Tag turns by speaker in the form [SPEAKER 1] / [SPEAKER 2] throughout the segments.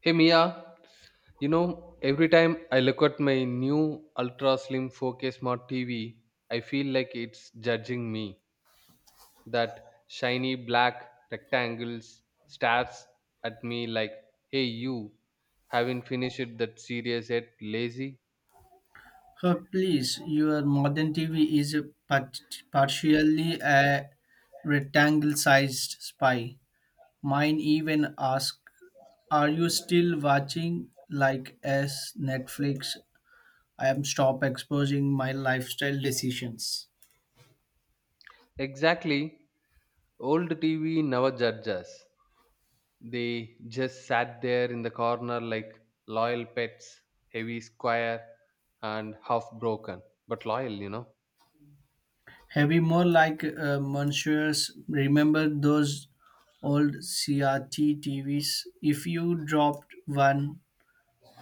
[SPEAKER 1] Hey Mia, every time I look at my new ultra slim 4K smart TV, I feel like it's judging me. That shiny black rectangles stares at me like, hey, you haven't finished that series yet, lazy?
[SPEAKER 2] Huh, please, your modern TV is partially a rectangle-sized spy. Mine even ask, "Are you still watching like as Netflix?" I am stop exposing my lifestyle decisions.
[SPEAKER 1] Exactly. Old TV never judges us. They just sat there in the corner like loyal pets, heavy, square, and half broken, but loyal.
[SPEAKER 2] Heavy more like Monsieur's. Remember those old CRT TVs? If you dropped one,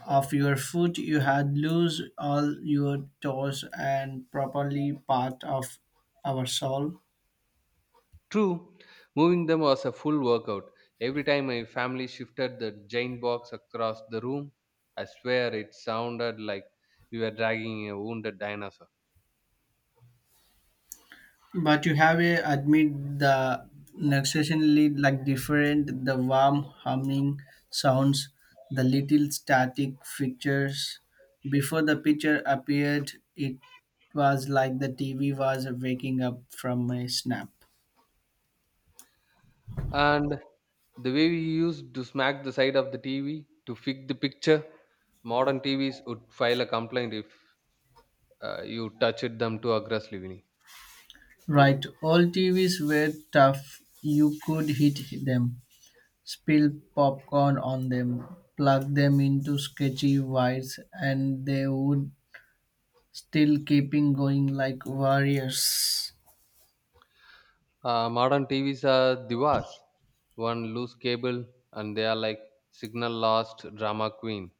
[SPEAKER 2] of your foot you had lose all your toes and properly part of our soul.
[SPEAKER 1] True, moving them was a full workout. Every time my family shifted the giant box across the room, I swear it sounded like we were dragging a wounded dinosaur.
[SPEAKER 2] But you have a admit the necessarily like different the warm humming sounds, the little static pictures before the picture appeared. It was like the TV was waking up from a snap.
[SPEAKER 1] And the way we used to smack the side of the TV to fix the picture, modern TVs would file a complaint if you touched them too aggressively. Vinny.
[SPEAKER 2] Right, all TVs were tough, you could hit them, spill popcorn on them, plug them into sketchy wires, and they would still keeping going like warriors.
[SPEAKER 1] Modern TVs are divas, one loose cable, and they are like signal lost drama queen.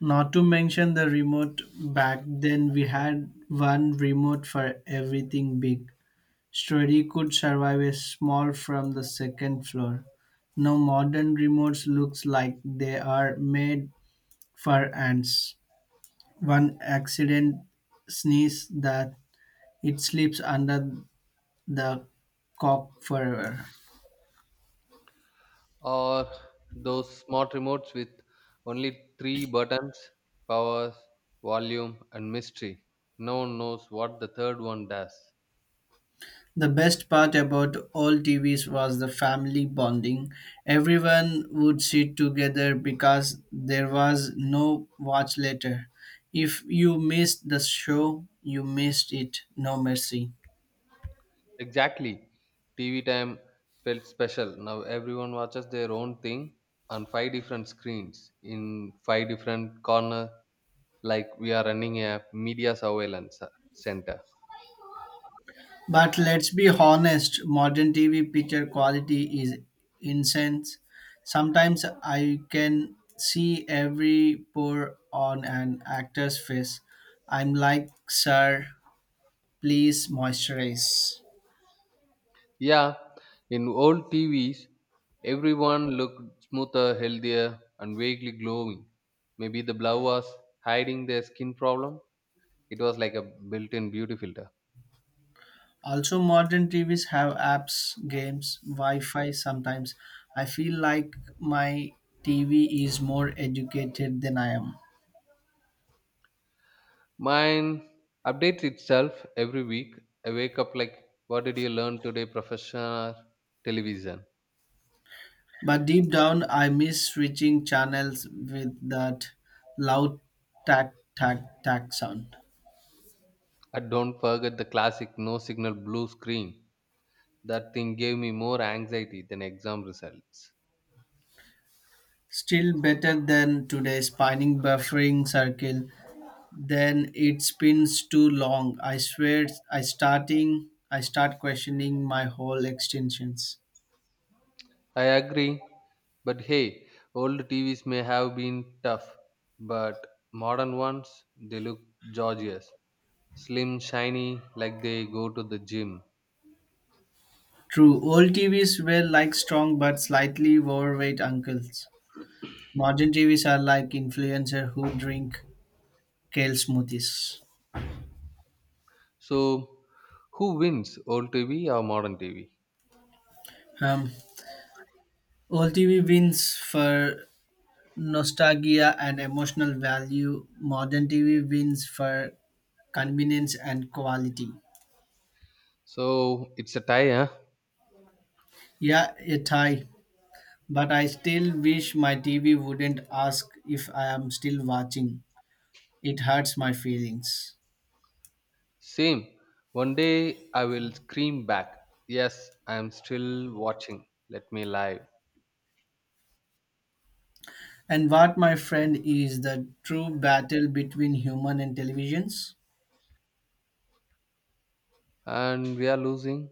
[SPEAKER 2] Not to mention the remote, back then we had one remote for everything big. Story could survive a small from the second floor. Now modern remotes looks like they are made for ants. One accident sneeze that it slips under the cop forever.
[SPEAKER 1] Or those smart remotes with only three buttons, powers, volume, and mystery. No one knows what the third one does.
[SPEAKER 2] The best part about all TVs was the family bonding. Everyone would sit together because there was no watch later. If you missed the show, you missed it. No mercy.
[SPEAKER 1] Exactly. TV time felt special. Now everyone watches their own thing on five different screens in five different corner, like we are running a media surveillance center.
[SPEAKER 2] But let's be honest, modern TV picture quality is incense. Sometimes I can see every pore on an actor's face. I'm like, sir, please moisturize.
[SPEAKER 1] Yeah, in old TVs, everyone looked smoother, healthier, and vaguely glowing. Maybe the blow was hiding their skin problem. It was like a built in beauty filter.
[SPEAKER 2] Also, modern TVs have apps, games, Wi Fi sometimes. I feel like my TV is more educated than I am.
[SPEAKER 1] Mine updates itself every week. I wake up like, what did you learn today, professional television?
[SPEAKER 2] But deep down, I miss switching channels with that loud tack tack tack sound.
[SPEAKER 1] And don't forget the classic no signal blue screen. That thing gave me more anxiety than exam results.
[SPEAKER 2] Still better than today's spinning buffering circle. Then it spins too long. I swear, I start questioning my whole extensions.
[SPEAKER 1] I agree, but hey, old TVs may have been tough, but modern ones, they look gorgeous, slim, shiny, like they go to the gym.
[SPEAKER 2] True, old TVs were like strong but slightly overweight uncles. Modern TVs are like influencers who drink kale smoothies.
[SPEAKER 1] So, who wins, old TV or modern TV?
[SPEAKER 2] Um, old TV wins for nostalgia and emotional value. Modern TV wins for convenience and quality.
[SPEAKER 1] So, it's a tie, huh?
[SPEAKER 2] Yeah, it high, but I still wish my TV wouldn't ask if I am still watching. It hurts my feelings.
[SPEAKER 1] Same. One day I will scream back, yes, I am still watching. Let me live.
[SPEAKER 2] And what, my friend, is the true battle between human and televisions?
[SPEAKER 1] And we are losing.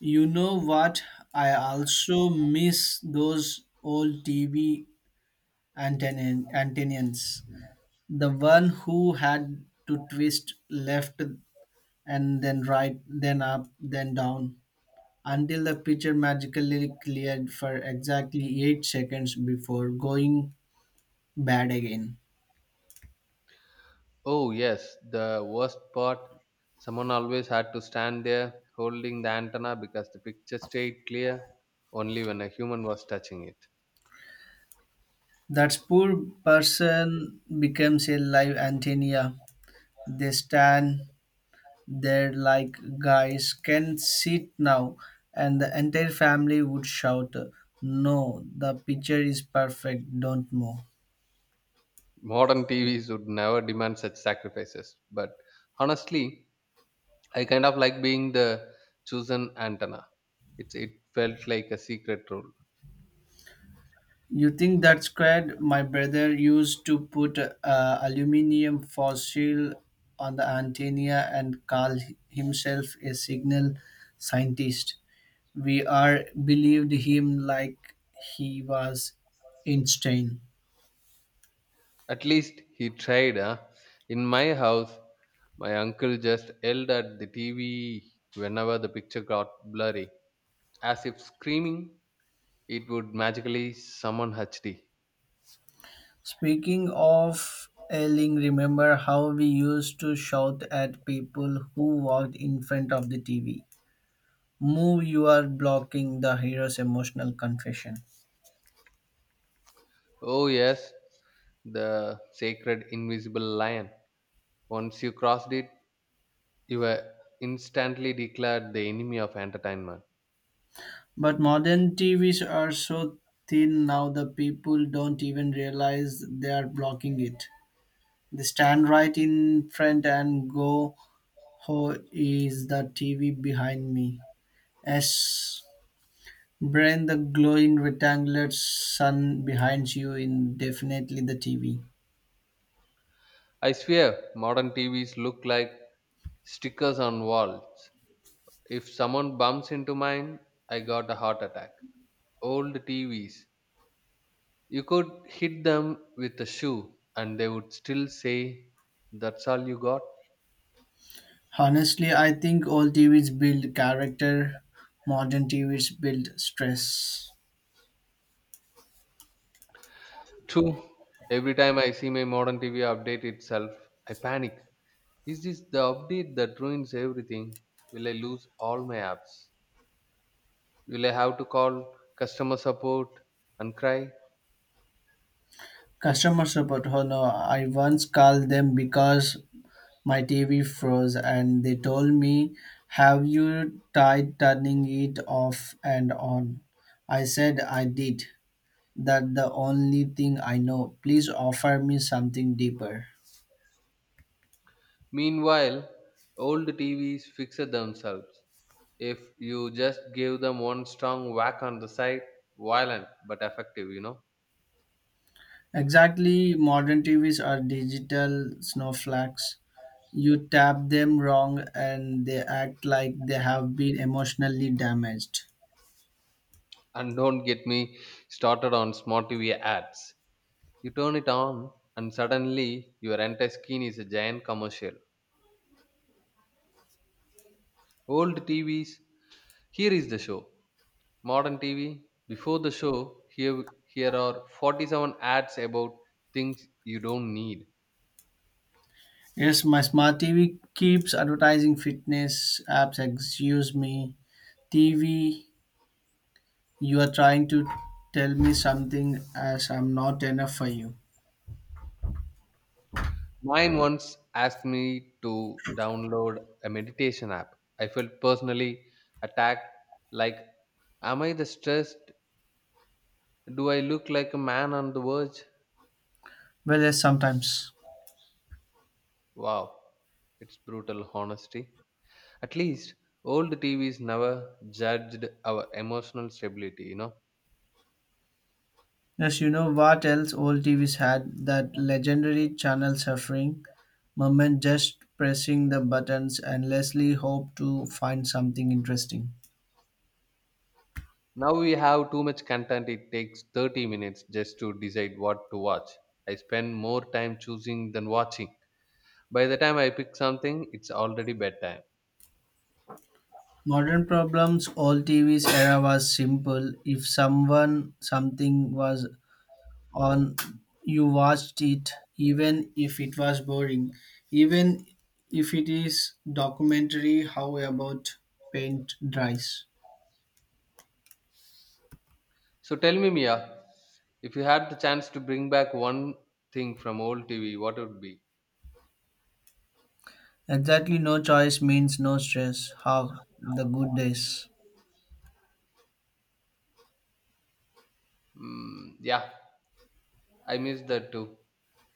[SPEAKER 2] You know what? I also miss those old TV antennas. The one who had to twist left and then right, then up, then down, until the picture magically cleared for exactly 8 seconds before going bad again.
[SPEAKER 1] Oh, yes, the worst part, someone always had to stand there holding the antenna because the picture stayed clear only when a human was touching it.
[SPEAKER 2] That poor person becomes a live antenna. They stand there like guys can sit now, and the entire family would shout, "No, the picture is perfect, don't move."
[SPEAKER 1] Modern TVs would never demand such sacrifices, but honestly, I kind of like being the chosen antenna. It felt like a secret role.
[SPEAKER 2] You think that's squared? My brother used to put aluminium fossil on the antenna and call himself a signal scientist. We are believed him like he was Einstein.
[SPEAKER 1] At least he tried. Huh? In my house, my uncle just yelled at the TV whenever the picture got blurry, as if screaming it would magically summon HD.
[SPEAKER 2] Speaking of yelling, remember how we used to shout at people who walked in front of the TV? Move, you are blocking the hero's emotional confession.
[SPEAKER 1] Oh, yes, the sacred invisible lion. Once you crossed it, you were instantly declared the enemy of entertainment.
[SPEAKER 2] But modern TVs are so thin now the people don't even realize they are blocking it. They stand right in front and go, "Who is the TV behind me?" Yes. Brain the glowing rectangular sun behind you in definitely the TV.
[SPEAKER 1] I swear, modern TVs look like stickers on walls. If someone bumps into mine, I got a heart attack. Old TVs, you could hit them with a shoe and they would still say, that's all you got?
[SPEAKER 2] Honestly, I think all TVs build character, modern TVs build stress.
[SPEAKER 1] True. Every time I see my modern TV update itself, I panic. Is this the update that ruins everything? Will I lose all my apps? Will I have to call customer support and cry?
[SPEAKER 2] Customer support, oh no, I once called them because my TV froze and they told me, "Have you tried turning it off and on?" I said I did. That the only thing I know. Please offer me something deeper.
[SPEAKER 1] Meanwhile, old TVs fix it themselves. If you just give them one strong whack on the side, violent but effective.
[SPEAKER 2] Exactly, modern TVs are digital snowflakes. You tap them wrong and they act like they have been emotionally damaged.
[SPEAKER 1] And don't get me started on smart TV ads. You turn it on, and suddenly your entire screen is a giant commercial. Old TVs, here is the show. Modern TV, before the show, here are 47 ads about things you don't need.
[SPEAKER 2] Yes, my smart TV keeps advertising fitness apps. Excuse me, TV, you are trying to tell me something as I'm not enough for you.
[SPEAKER 1] Mine once asked me to download a meditation app. I felt personally attacked, like, am I the stressed? Do I look like a man on the verge?
[SPEAKER 2] Well, yes, sometimes.
[SPEAKER 1] Wow, it's brutal honesty. At least old TVs never judged our emotional stability.
[SPEAKER 2] Yes, you know what else old TVs had? That legendary channel suffering moment just pressing the buttons endlessly hope to find something interesting.
[SPEAKER 1] Now we have too much content. It takes 30 minutes just to decide what to watch. I spend more time choosing than watching. By the time I pick something, it's already bedtime.
[SPEAKER 2] Modern problems, old TVs era was simple. If someone something was on, you watched it even if it was boring. Even if it is documentary how about paint dries.
[SPEAKER 1] So tell me, Mia, if you had the chance to bring back one thing from old TV, what would be?
[SPEAKER 2] Exactly, no choice means no stress. How the good days.
[SPEAKER 1] Mm, yeah, I miss that too.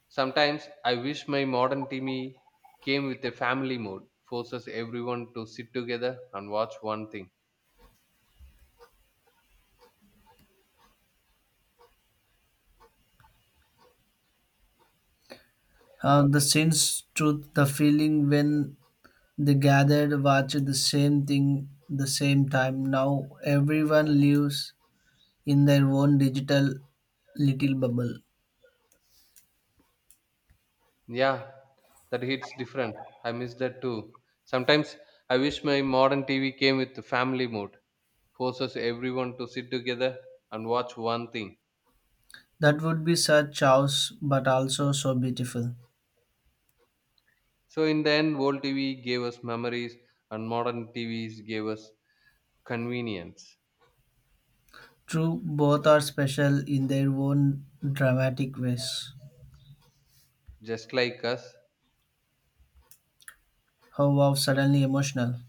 [SPEAKER 1] Sometimes I wish my modern TV came with a family mode, forces everyone to sit together and watch one thing.
[SPEAKER 2] How the sins truth, the feeling when they gathered watched the same thing the same time. Now everyone lives in their own digital little bubble.
[SPEAKER 1] Yeah, that hits different. I miss that too. Sometimes I wish my modern TV came with the family mode, forces everyone to sit together and watch one thing.
[SPEAKER 2] That would be such chaos, but also so beautiful.
[SPEAKER 1] So in the end, old TV gave us memories and modern TVs gave us convenience,
[SPEAKER 2] True, both are special in their own dramatic ways.
[SPEAKER 1] just like us.
[SPEAKER 2] How wow, suddenly emotional.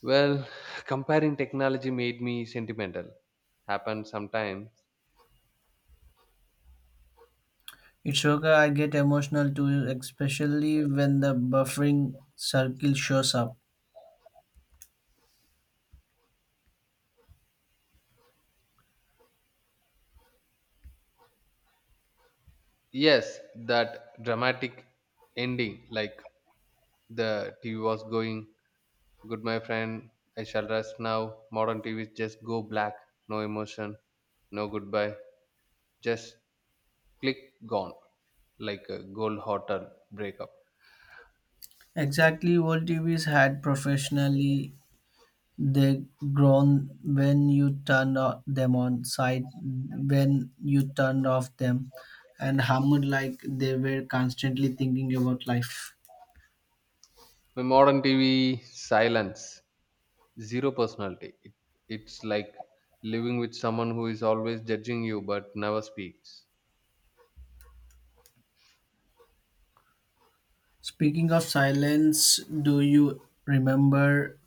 [SPEAKER 1] Well, comparing technology made me sentimental. Happened sometimes.
[SPEAKER 2] It's okay, I get emotional too, especially when the buffering circle shows up.
[SPEAKER 1] Yes, that dramatic ending, like the TV was going, good, my friend, I shall rest now. Modern TVs just go black. No emotion, no goodbye. Just click, gone, like a gold hotel breakup.
[SPEAKER 2] Exactly what TVs had professionally, they groan when you turned them on, side when you turned off them, and hummed like they were constantly thinking about life.
[SPEAKER 1] My modern TV silence, zero personality. It's like living with someone who is always judging you but never speaks.
[SPEAKER 2] Speaking of silence, do you remember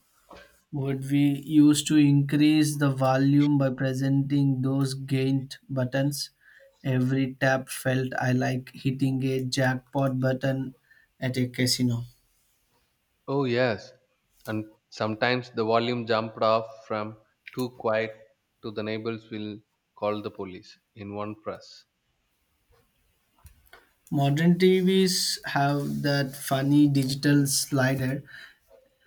[SPEAKER 2] would we use to increase the volume by presenting those gained buttons. Every tap felt I like hitting a jackpot button at a casino.
[SPEAKER 1] Oh, yes. And sometimes the volume jumped off from too quiet to the neighbors will call the police in one press.
[SPEAKER 2] Modern TVs have that funny digital slider,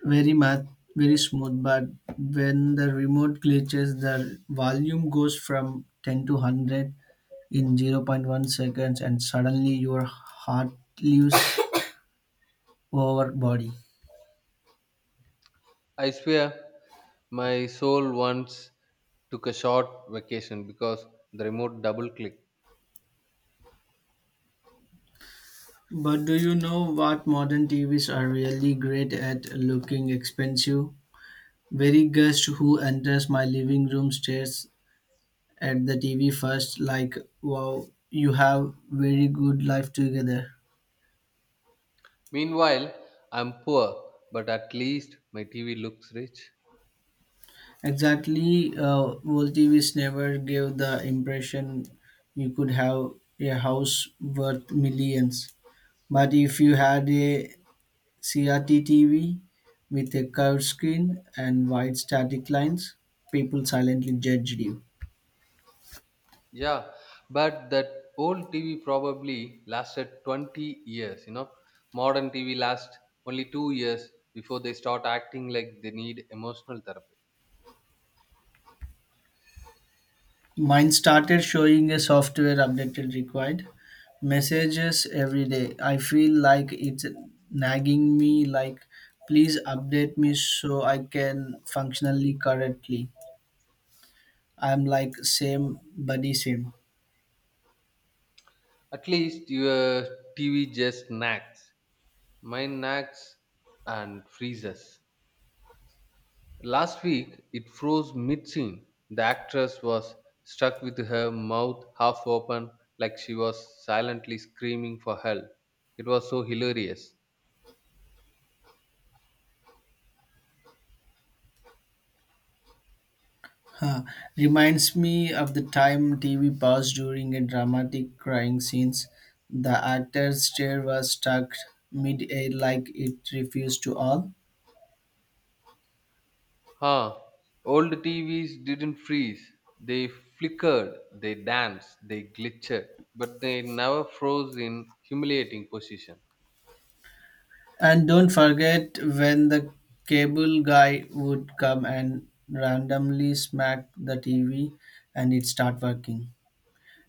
[SPEAKER 2] very math, very smooth, but when the remote glitches, the volume goes from 10 to 100 in zero point 0.1 seconds, and suddenly your heart leaves over body.
[SPEAKER 1] I swear my soul once took a short vacation because the remote double clicked.
[SPEAKER 2] But do you know what modern TVs are really great at looking expensive? Very guest who enters my living room stares at the TV first, like, wow, you have very good life together.
[SPEAKER 1] Meanwhile, I'm poor, but at least my TV looks rich.
[SPEAKER 2] Exactly, old TVs never gave the impression you could have a house worth millions. But if you had a CRT TV with a curved screen and white static lines, people silently judged you.
[SPEAKER 1] Yeah, but that old TV probably lasted 20 years. Modern TV lasts only 2 years before they start acting like they need emotional therapy.
[SPEAKER 2] Mine started showing a software updated required messages every day. I feel like it's nagging me like please update me so I can functionally correctly. I'm like same buddy same.
[SPEAKER 1] At least your TV just nags. Mine nags and freezes. Last week, it froze mid scene. The actress was stuck with her mouth half open, like she was silently screaming for help. It was so hilarious.
[SPEAKER 2] Huh, reminds me of the time TV paused during a dramatic crying scenes. The actor's chair was stuck mid-air like it refused to all.
[SPEAKER 1] Huh, old TVs didn't freeze. They flickered, they danced, they glitched, but they never froze in humiliating position.
[SPEAKER 2] And don't forget when the cable guy would come and randomly smack the TV and it start working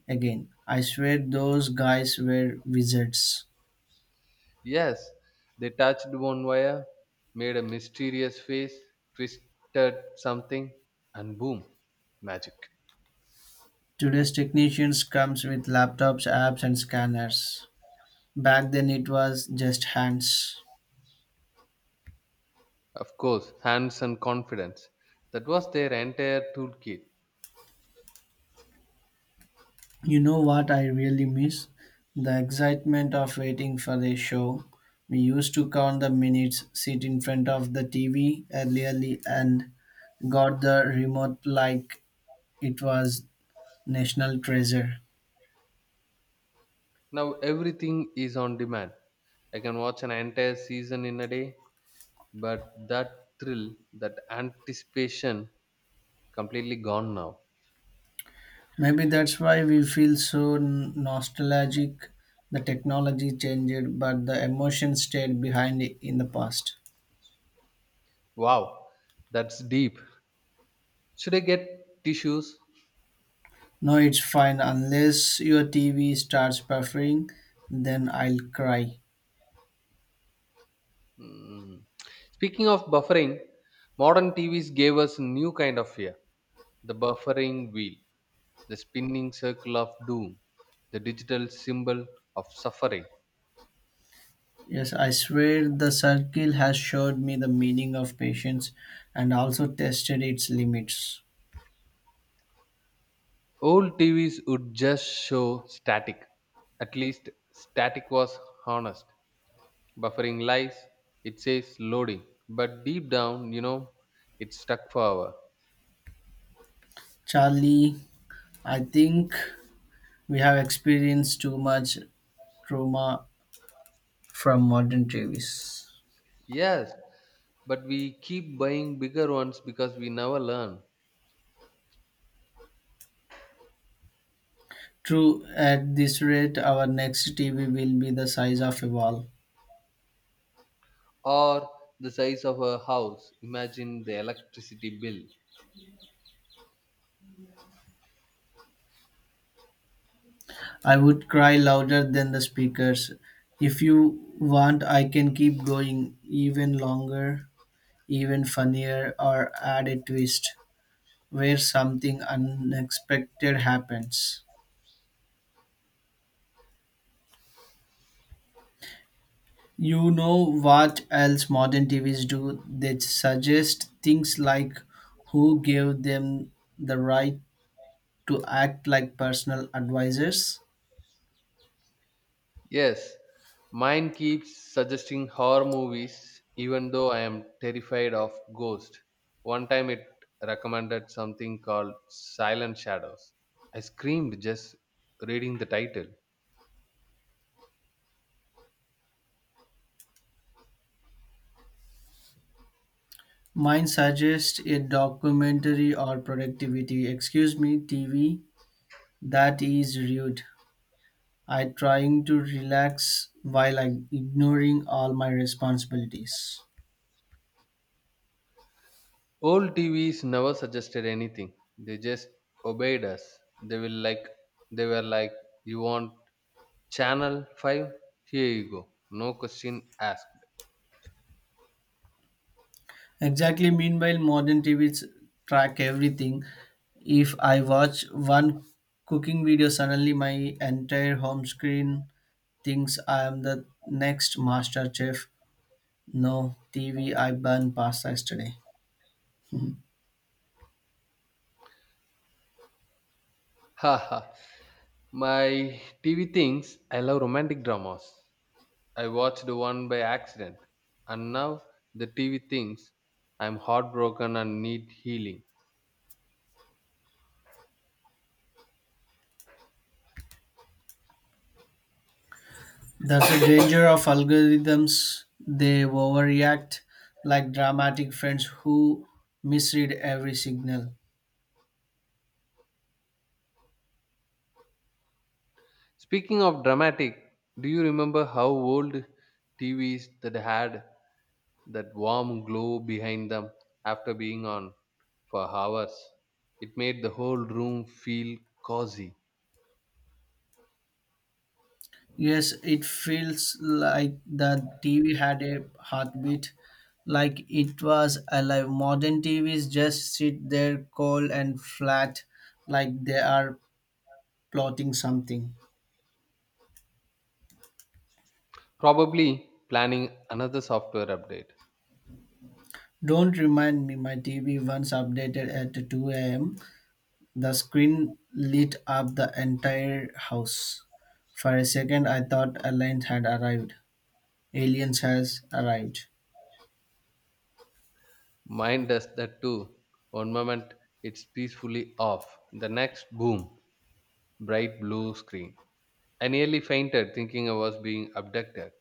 [SPEAKER 2] again. I swear those guys were wizards.
[SPEAKER 1] Yes, they touched one wire, made a mysterious face, twisted something, and boom, magic.
[SPEAKER 2] Today's technicians comes with laptops, apps and scanners. Back then it was just hands.
[SPEAKER 1] Of course, hands and confidence. That was their entire toolkit.
[SPEAKER 2] You know what I really miss? The excitement of waiting for a show. We used to count the minutes, sit in front of the TV early, and got the remote like it was national treasure.
[SPEAKER 1] Now everything is on demand. I can watch an entire season in a day, but that thrill, that anticipation, completely gone now.
[SPEAKER 2] Maybe that's why we feel so nostalgic. The technology changed, but the emotion stayed behind in the past.
[SPEAKER 1] Wow, that's deep. Should I get tissues?
[SPEAKER 2] No, it's fine unless your TV starts buffering, then I'll cry.
[SPEAKER 1] Hmm. Speaking of buffering, modern TVs gave us a new kind of fear, the buffering wheel, the spinning circle of doom, the digital symbol of suffering.
[SPEAKER 2] Yes, I swear the circle has showed me the meaning of patience and also tested its limits.
[SPEAKER 1] Old TVs would just show static. At least static was honest. Buffering lies, it says loading. But deep down, it's stuck forever.
[SPEAKER 2] Charlie, I think we have experienced too much trauma from modern TVs.
[SPEAKER 1] Yes, but we keep buying bigger ones because we never learn.
[SPEAKER 2] True, at this rate, our next TV will be the size of a wall.
[SPEAKER 1] Or the size of a house. Imagine the electricity bill.
[SPEAKER 2] I would cry louder than the speakers. If you want, I can keep going even longer, even funnier, or add a twist where something unexpected happens. You know what else modern TVs do? They suggest things like who gave them the right to act like personal advisors.
[SPEAKER 1] Yes, mine keeps suggesting horror movies even though I am terrified of ghosts. One time it recommended something called Silent Shadows. I screamed just reading the title.
[SPEAKER 2] Mine suggests a documentary or productivity, excuse me, TV, that is rude. I trying to relax while I ignoring all my responsibilities.
[SPEAKER 1] Old TVs never suggested anything. They just obeyed us. They were like, you want channel 5? Here you go. No question asked.
[SPEAKER 2] Exactly. Meanwhile, modern TVs track everything. If I watch one cooking video, suddenly my entire home screen thinks I am the next master chef. No, TV, I burned pasta yesterday.
[SPEAKER 1] Haha. My TV thinks I love romantic dramas. I watched one by accident, and now the TV thinks I'm heartbroken and need healing.
[SPEAKER 2] That's the danger of algorithms. They overreact like dramatic friends who misread every signal.
[SPEAKER 1] Speaking of dramatic, do you remember how old TVs that had that warm glow behind them after being on for hours? It made the whole room feel cozy.
[SPEAKER 2] Yes, it feels like the TV had a heartbeat, like it was alive. Modern TVs just sit there cold and flat, like they are plotting something.
[SPEAKER 1] Probably planning another software update.
[SPEAKER 2] Don't remind me, my TV once updated at 2 a.m. The screen lit up the entire house. For a second, I thought aliens had arrived. Aliens has arrived.
[SPEAKER 1] Mine does that too. One moment it's peacefully off, the next, boom, bright blue screen. I nearly fainted thinking I was being abducted.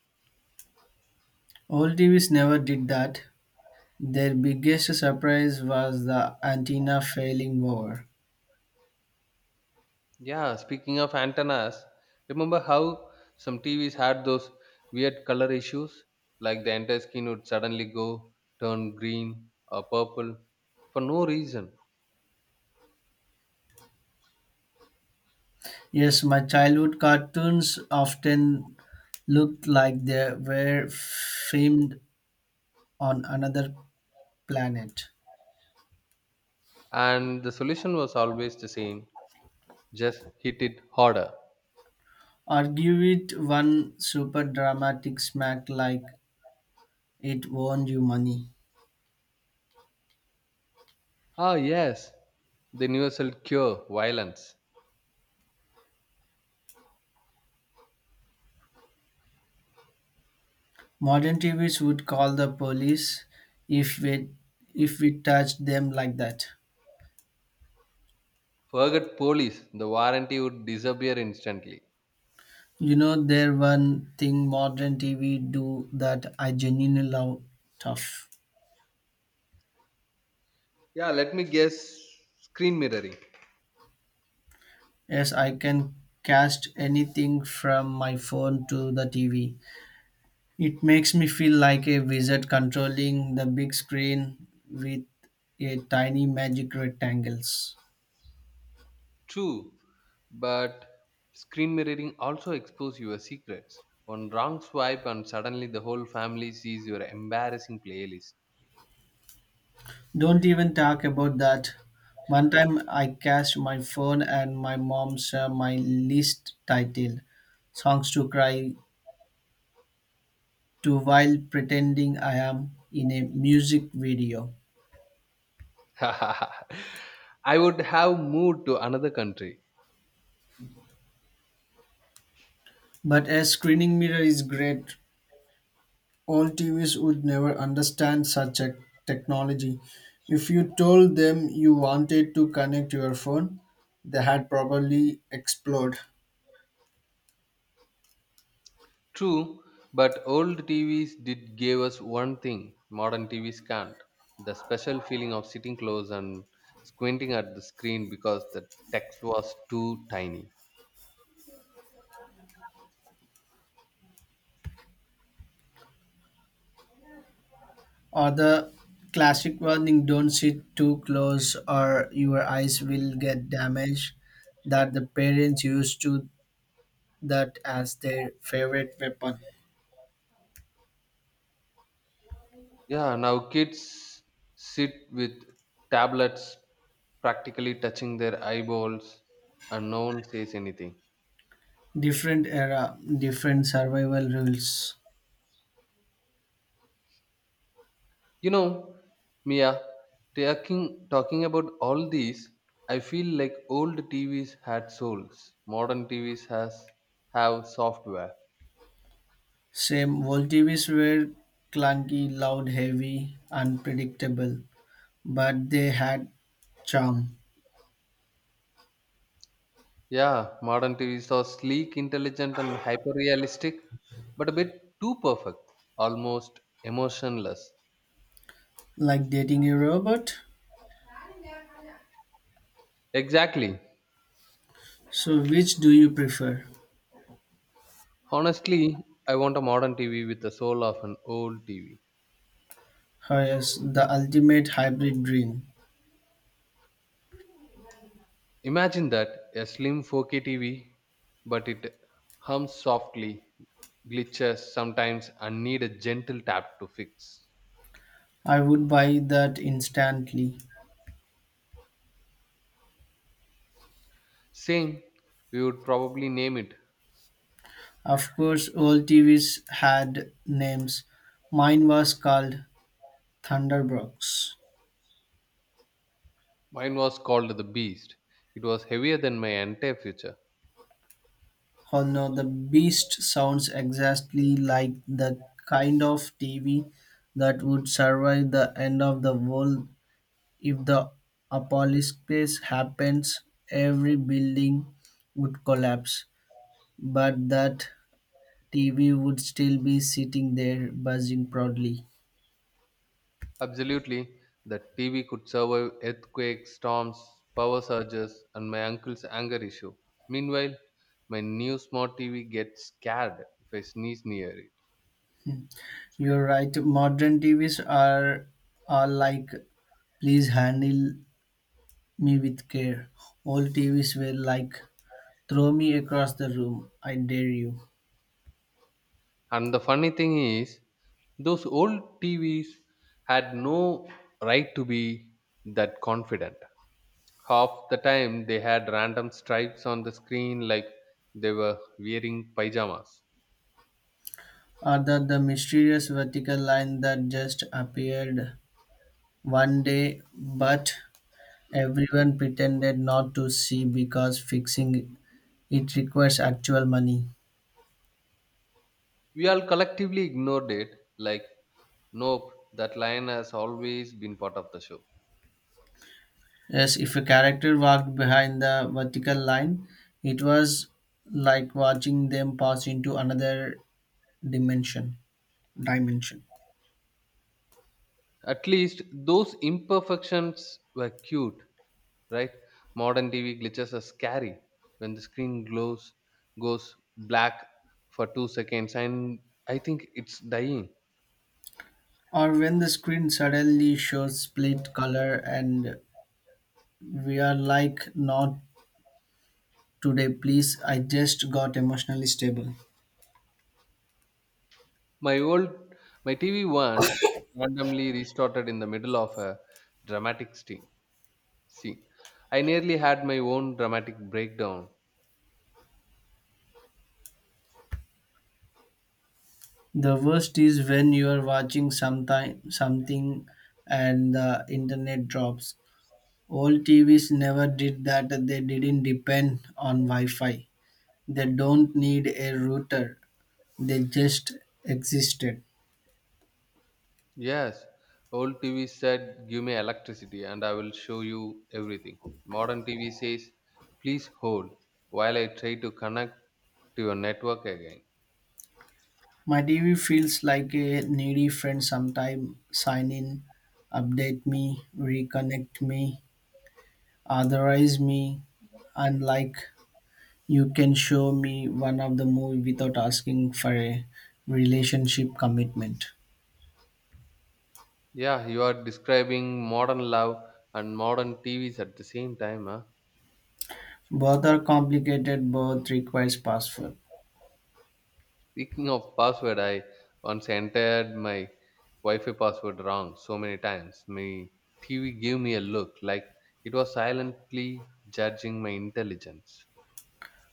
[SPEAKER 2] Old TVs never did that. Their biggest surprise was the antenna failing over.
[SPEAKER 1] Yeah, speaking of antennas, remember how some TVs had those weird color issues? Like the entire skin would suddenly go turn green or purple for no reason.
[SPEAKER 2] Yes, my childhood cartoons often looked like they were filmed on another planet.
[SPEAKER 1] And the solution was always the same, just hit it harder.
[SPEAKER 2] Or give it one super dramatic smack like it won you money.
[SPEAKER 1] Ah, yes, the universal cure, violence.
[SPEAKER 2] Modern TVs would call the police if we if we touched them like that.
[SPEAKER 1] Forget police, the warranty would disappear instantly.
[SPEAKER 2] You know, there one thing modern TV do that I genuinely love tough.
[SPEAKER 1] Yeah, let me guess, screen mirroring.
[SPEAKER 2] Yes, I can cast anything from my phone to the TV. It makes me feel like a wizard controlling the big screen with a tiny magic rectangles.
[SPEAKER 1] True, but screen mirroring also exposes your secrets. One wrong swipe, and suddenly the whole family sees your embarrassing playlist.
[SPEAKER 2] Don't even talk about that. One time I cast my phone and my mom saw my list titled "Songs to Cry to" while pretending I am in a music video.
[SPEAKER 1] I would have moved to another country.
[SPEAKER 2] But a screening mirror is great. Old TVs would never understand such a technology. If you told them you wanted to connect your phone, they had probably explode.
[SPEAKER 1] True, but old TVs did give us one thing modern TVs can't, the special feeling of sitting close and squinting at the screen because the text was too tiny.
[SPEAKER 2] Or the classic warning, don't sit too close or your eyes will get damaged, that the parents used to that as their favorite weapon.
[SPEAKER 1] Yeah, now kids sit with tablets practically touching their eyeballs and no one says anything.
[SPEAKER 2] Different era, different survival rules.
[SPEAKER 1] You know, Mia, talking about all these, I feel like old TVs had souls. Modern TVs has have software.
[SPEAKER 2] Same old TVs were clunky, loud, heavy, unpredictable. But they had charm,
[SPEAKER 1] Yeah, modern TVs are sleek, intelligent and hyper realistic, but a bit too perfect, almost emotionless.
[SPEAKER 2] like dating a robot.
[SPEAKER 1] Exactly.
[SPEAKER 2] So, which do you prefer?
[SPEAKER 1] Honestly, I want a modern TV with the soul of an old TV.
[SPEAKER 2] Oh, yes, the ultimate hybrid dream.
[SPEAKER 1] Imagine that, a slim 4K TV, but it hums softly, glitches sometimes, and need a gentle tap to fix.
[SPEAKER 2] I would buy that instantly.
[SPEAKER 1] Same, we would probably name it.
[SPEAKER 2] Of course, all TVs had names. Mine was called Thunderbox.
[SPEAKER 1] Mine was called the Beast. It was heavier than my entire future.
[SPEAKER 2] Oh no, the beast sounds exactly like the kind of TV that would survive the end of the world. If the apocalypse happens, every building would collapse, but that TV would still be sitting there buzzing proudly.
[SPEAKER 1] Absolutely, the TV could survive earthquakes, storms, power surges, and my uncle's anger issue. Meanwhile, my new smart TV gets scared if I sneeze near it.
[SPEAKER 2] You're right, modern TVs are like, please handle me with care. Old TVs were like, throw me across the room, I dare you.
[SPEAKER 1] And the funny thing is, those old TVs had no right to be that confident. Half the time, they had random stripes on the screen like they were wearing pajamas.
[SPEAKER 2] Or that the mysterious vertical line that just appeared one day but everyone pretended not to see because fixing it requires actual money.
[SPEAKER 1] We all collectively ignored it like, nope, that line has always been part of the show.
[SPEAKER 2] Yes, if a character walked behind the vertical line, it was like watching them pass into another dimension. Dimension.
[SPEAKER 1] At least those imperfections were cute, right? Modern TV glitches are scary when the screen glows goes black for 2 seconds and I think it's dying.
[SPEAKER 2] Or when the screen suddenly shows split color and we are like, not today, please. I just got emotionally stable.
[SPEAKER 1] My old my TV once randomly restarted in the middle of a dramatic scene. I nearly had my own dramatic breakdown.
[SPEAKER 2] The worst is when you are watching sometime something and the internet drops. Old TVs never did that. They didn't depend on Wi-Fi. They don't need a router. They just existed.
[SPEAKER 1] Yes, old TV said, give me electricity and I will show you everything. Modern TV says, please hold while I try to connect to your network again.
[SPEAKER 2] My TV feels like a needy friend sometime. Sign in, update me, reconnect me, authorize me, unlike You can show me one of the movie without asking for a relationship commitment.
[SPEAKER 1] Yeah, you are describing modern love and modern TVs at the same time. Huh?
[SPEAKER 2] Both are complicated, both requires password.
[SPEAKER 1] Speaking of password, I once entered my Wi-Fi password wrong so many times. My TV gave me a look like it was silently judging my intelligence.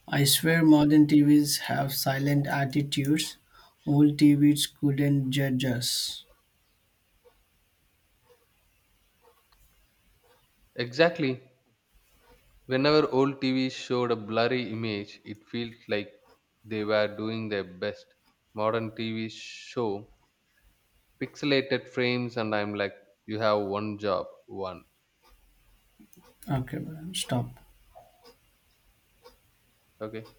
[SPEAKER 2] I swear modern TVs have silent attitudes. Old TVs couldn't judge us.
[SPEAKER 1] Exactly. Whenever old TVs showed a blurry image, it felt like they were doing their best. Modern TVs show pixelated frames, and I'm like, you have one job, one.
[SPEAKER 2] Okay, well, stop.
[SPEAKER 1] Okay.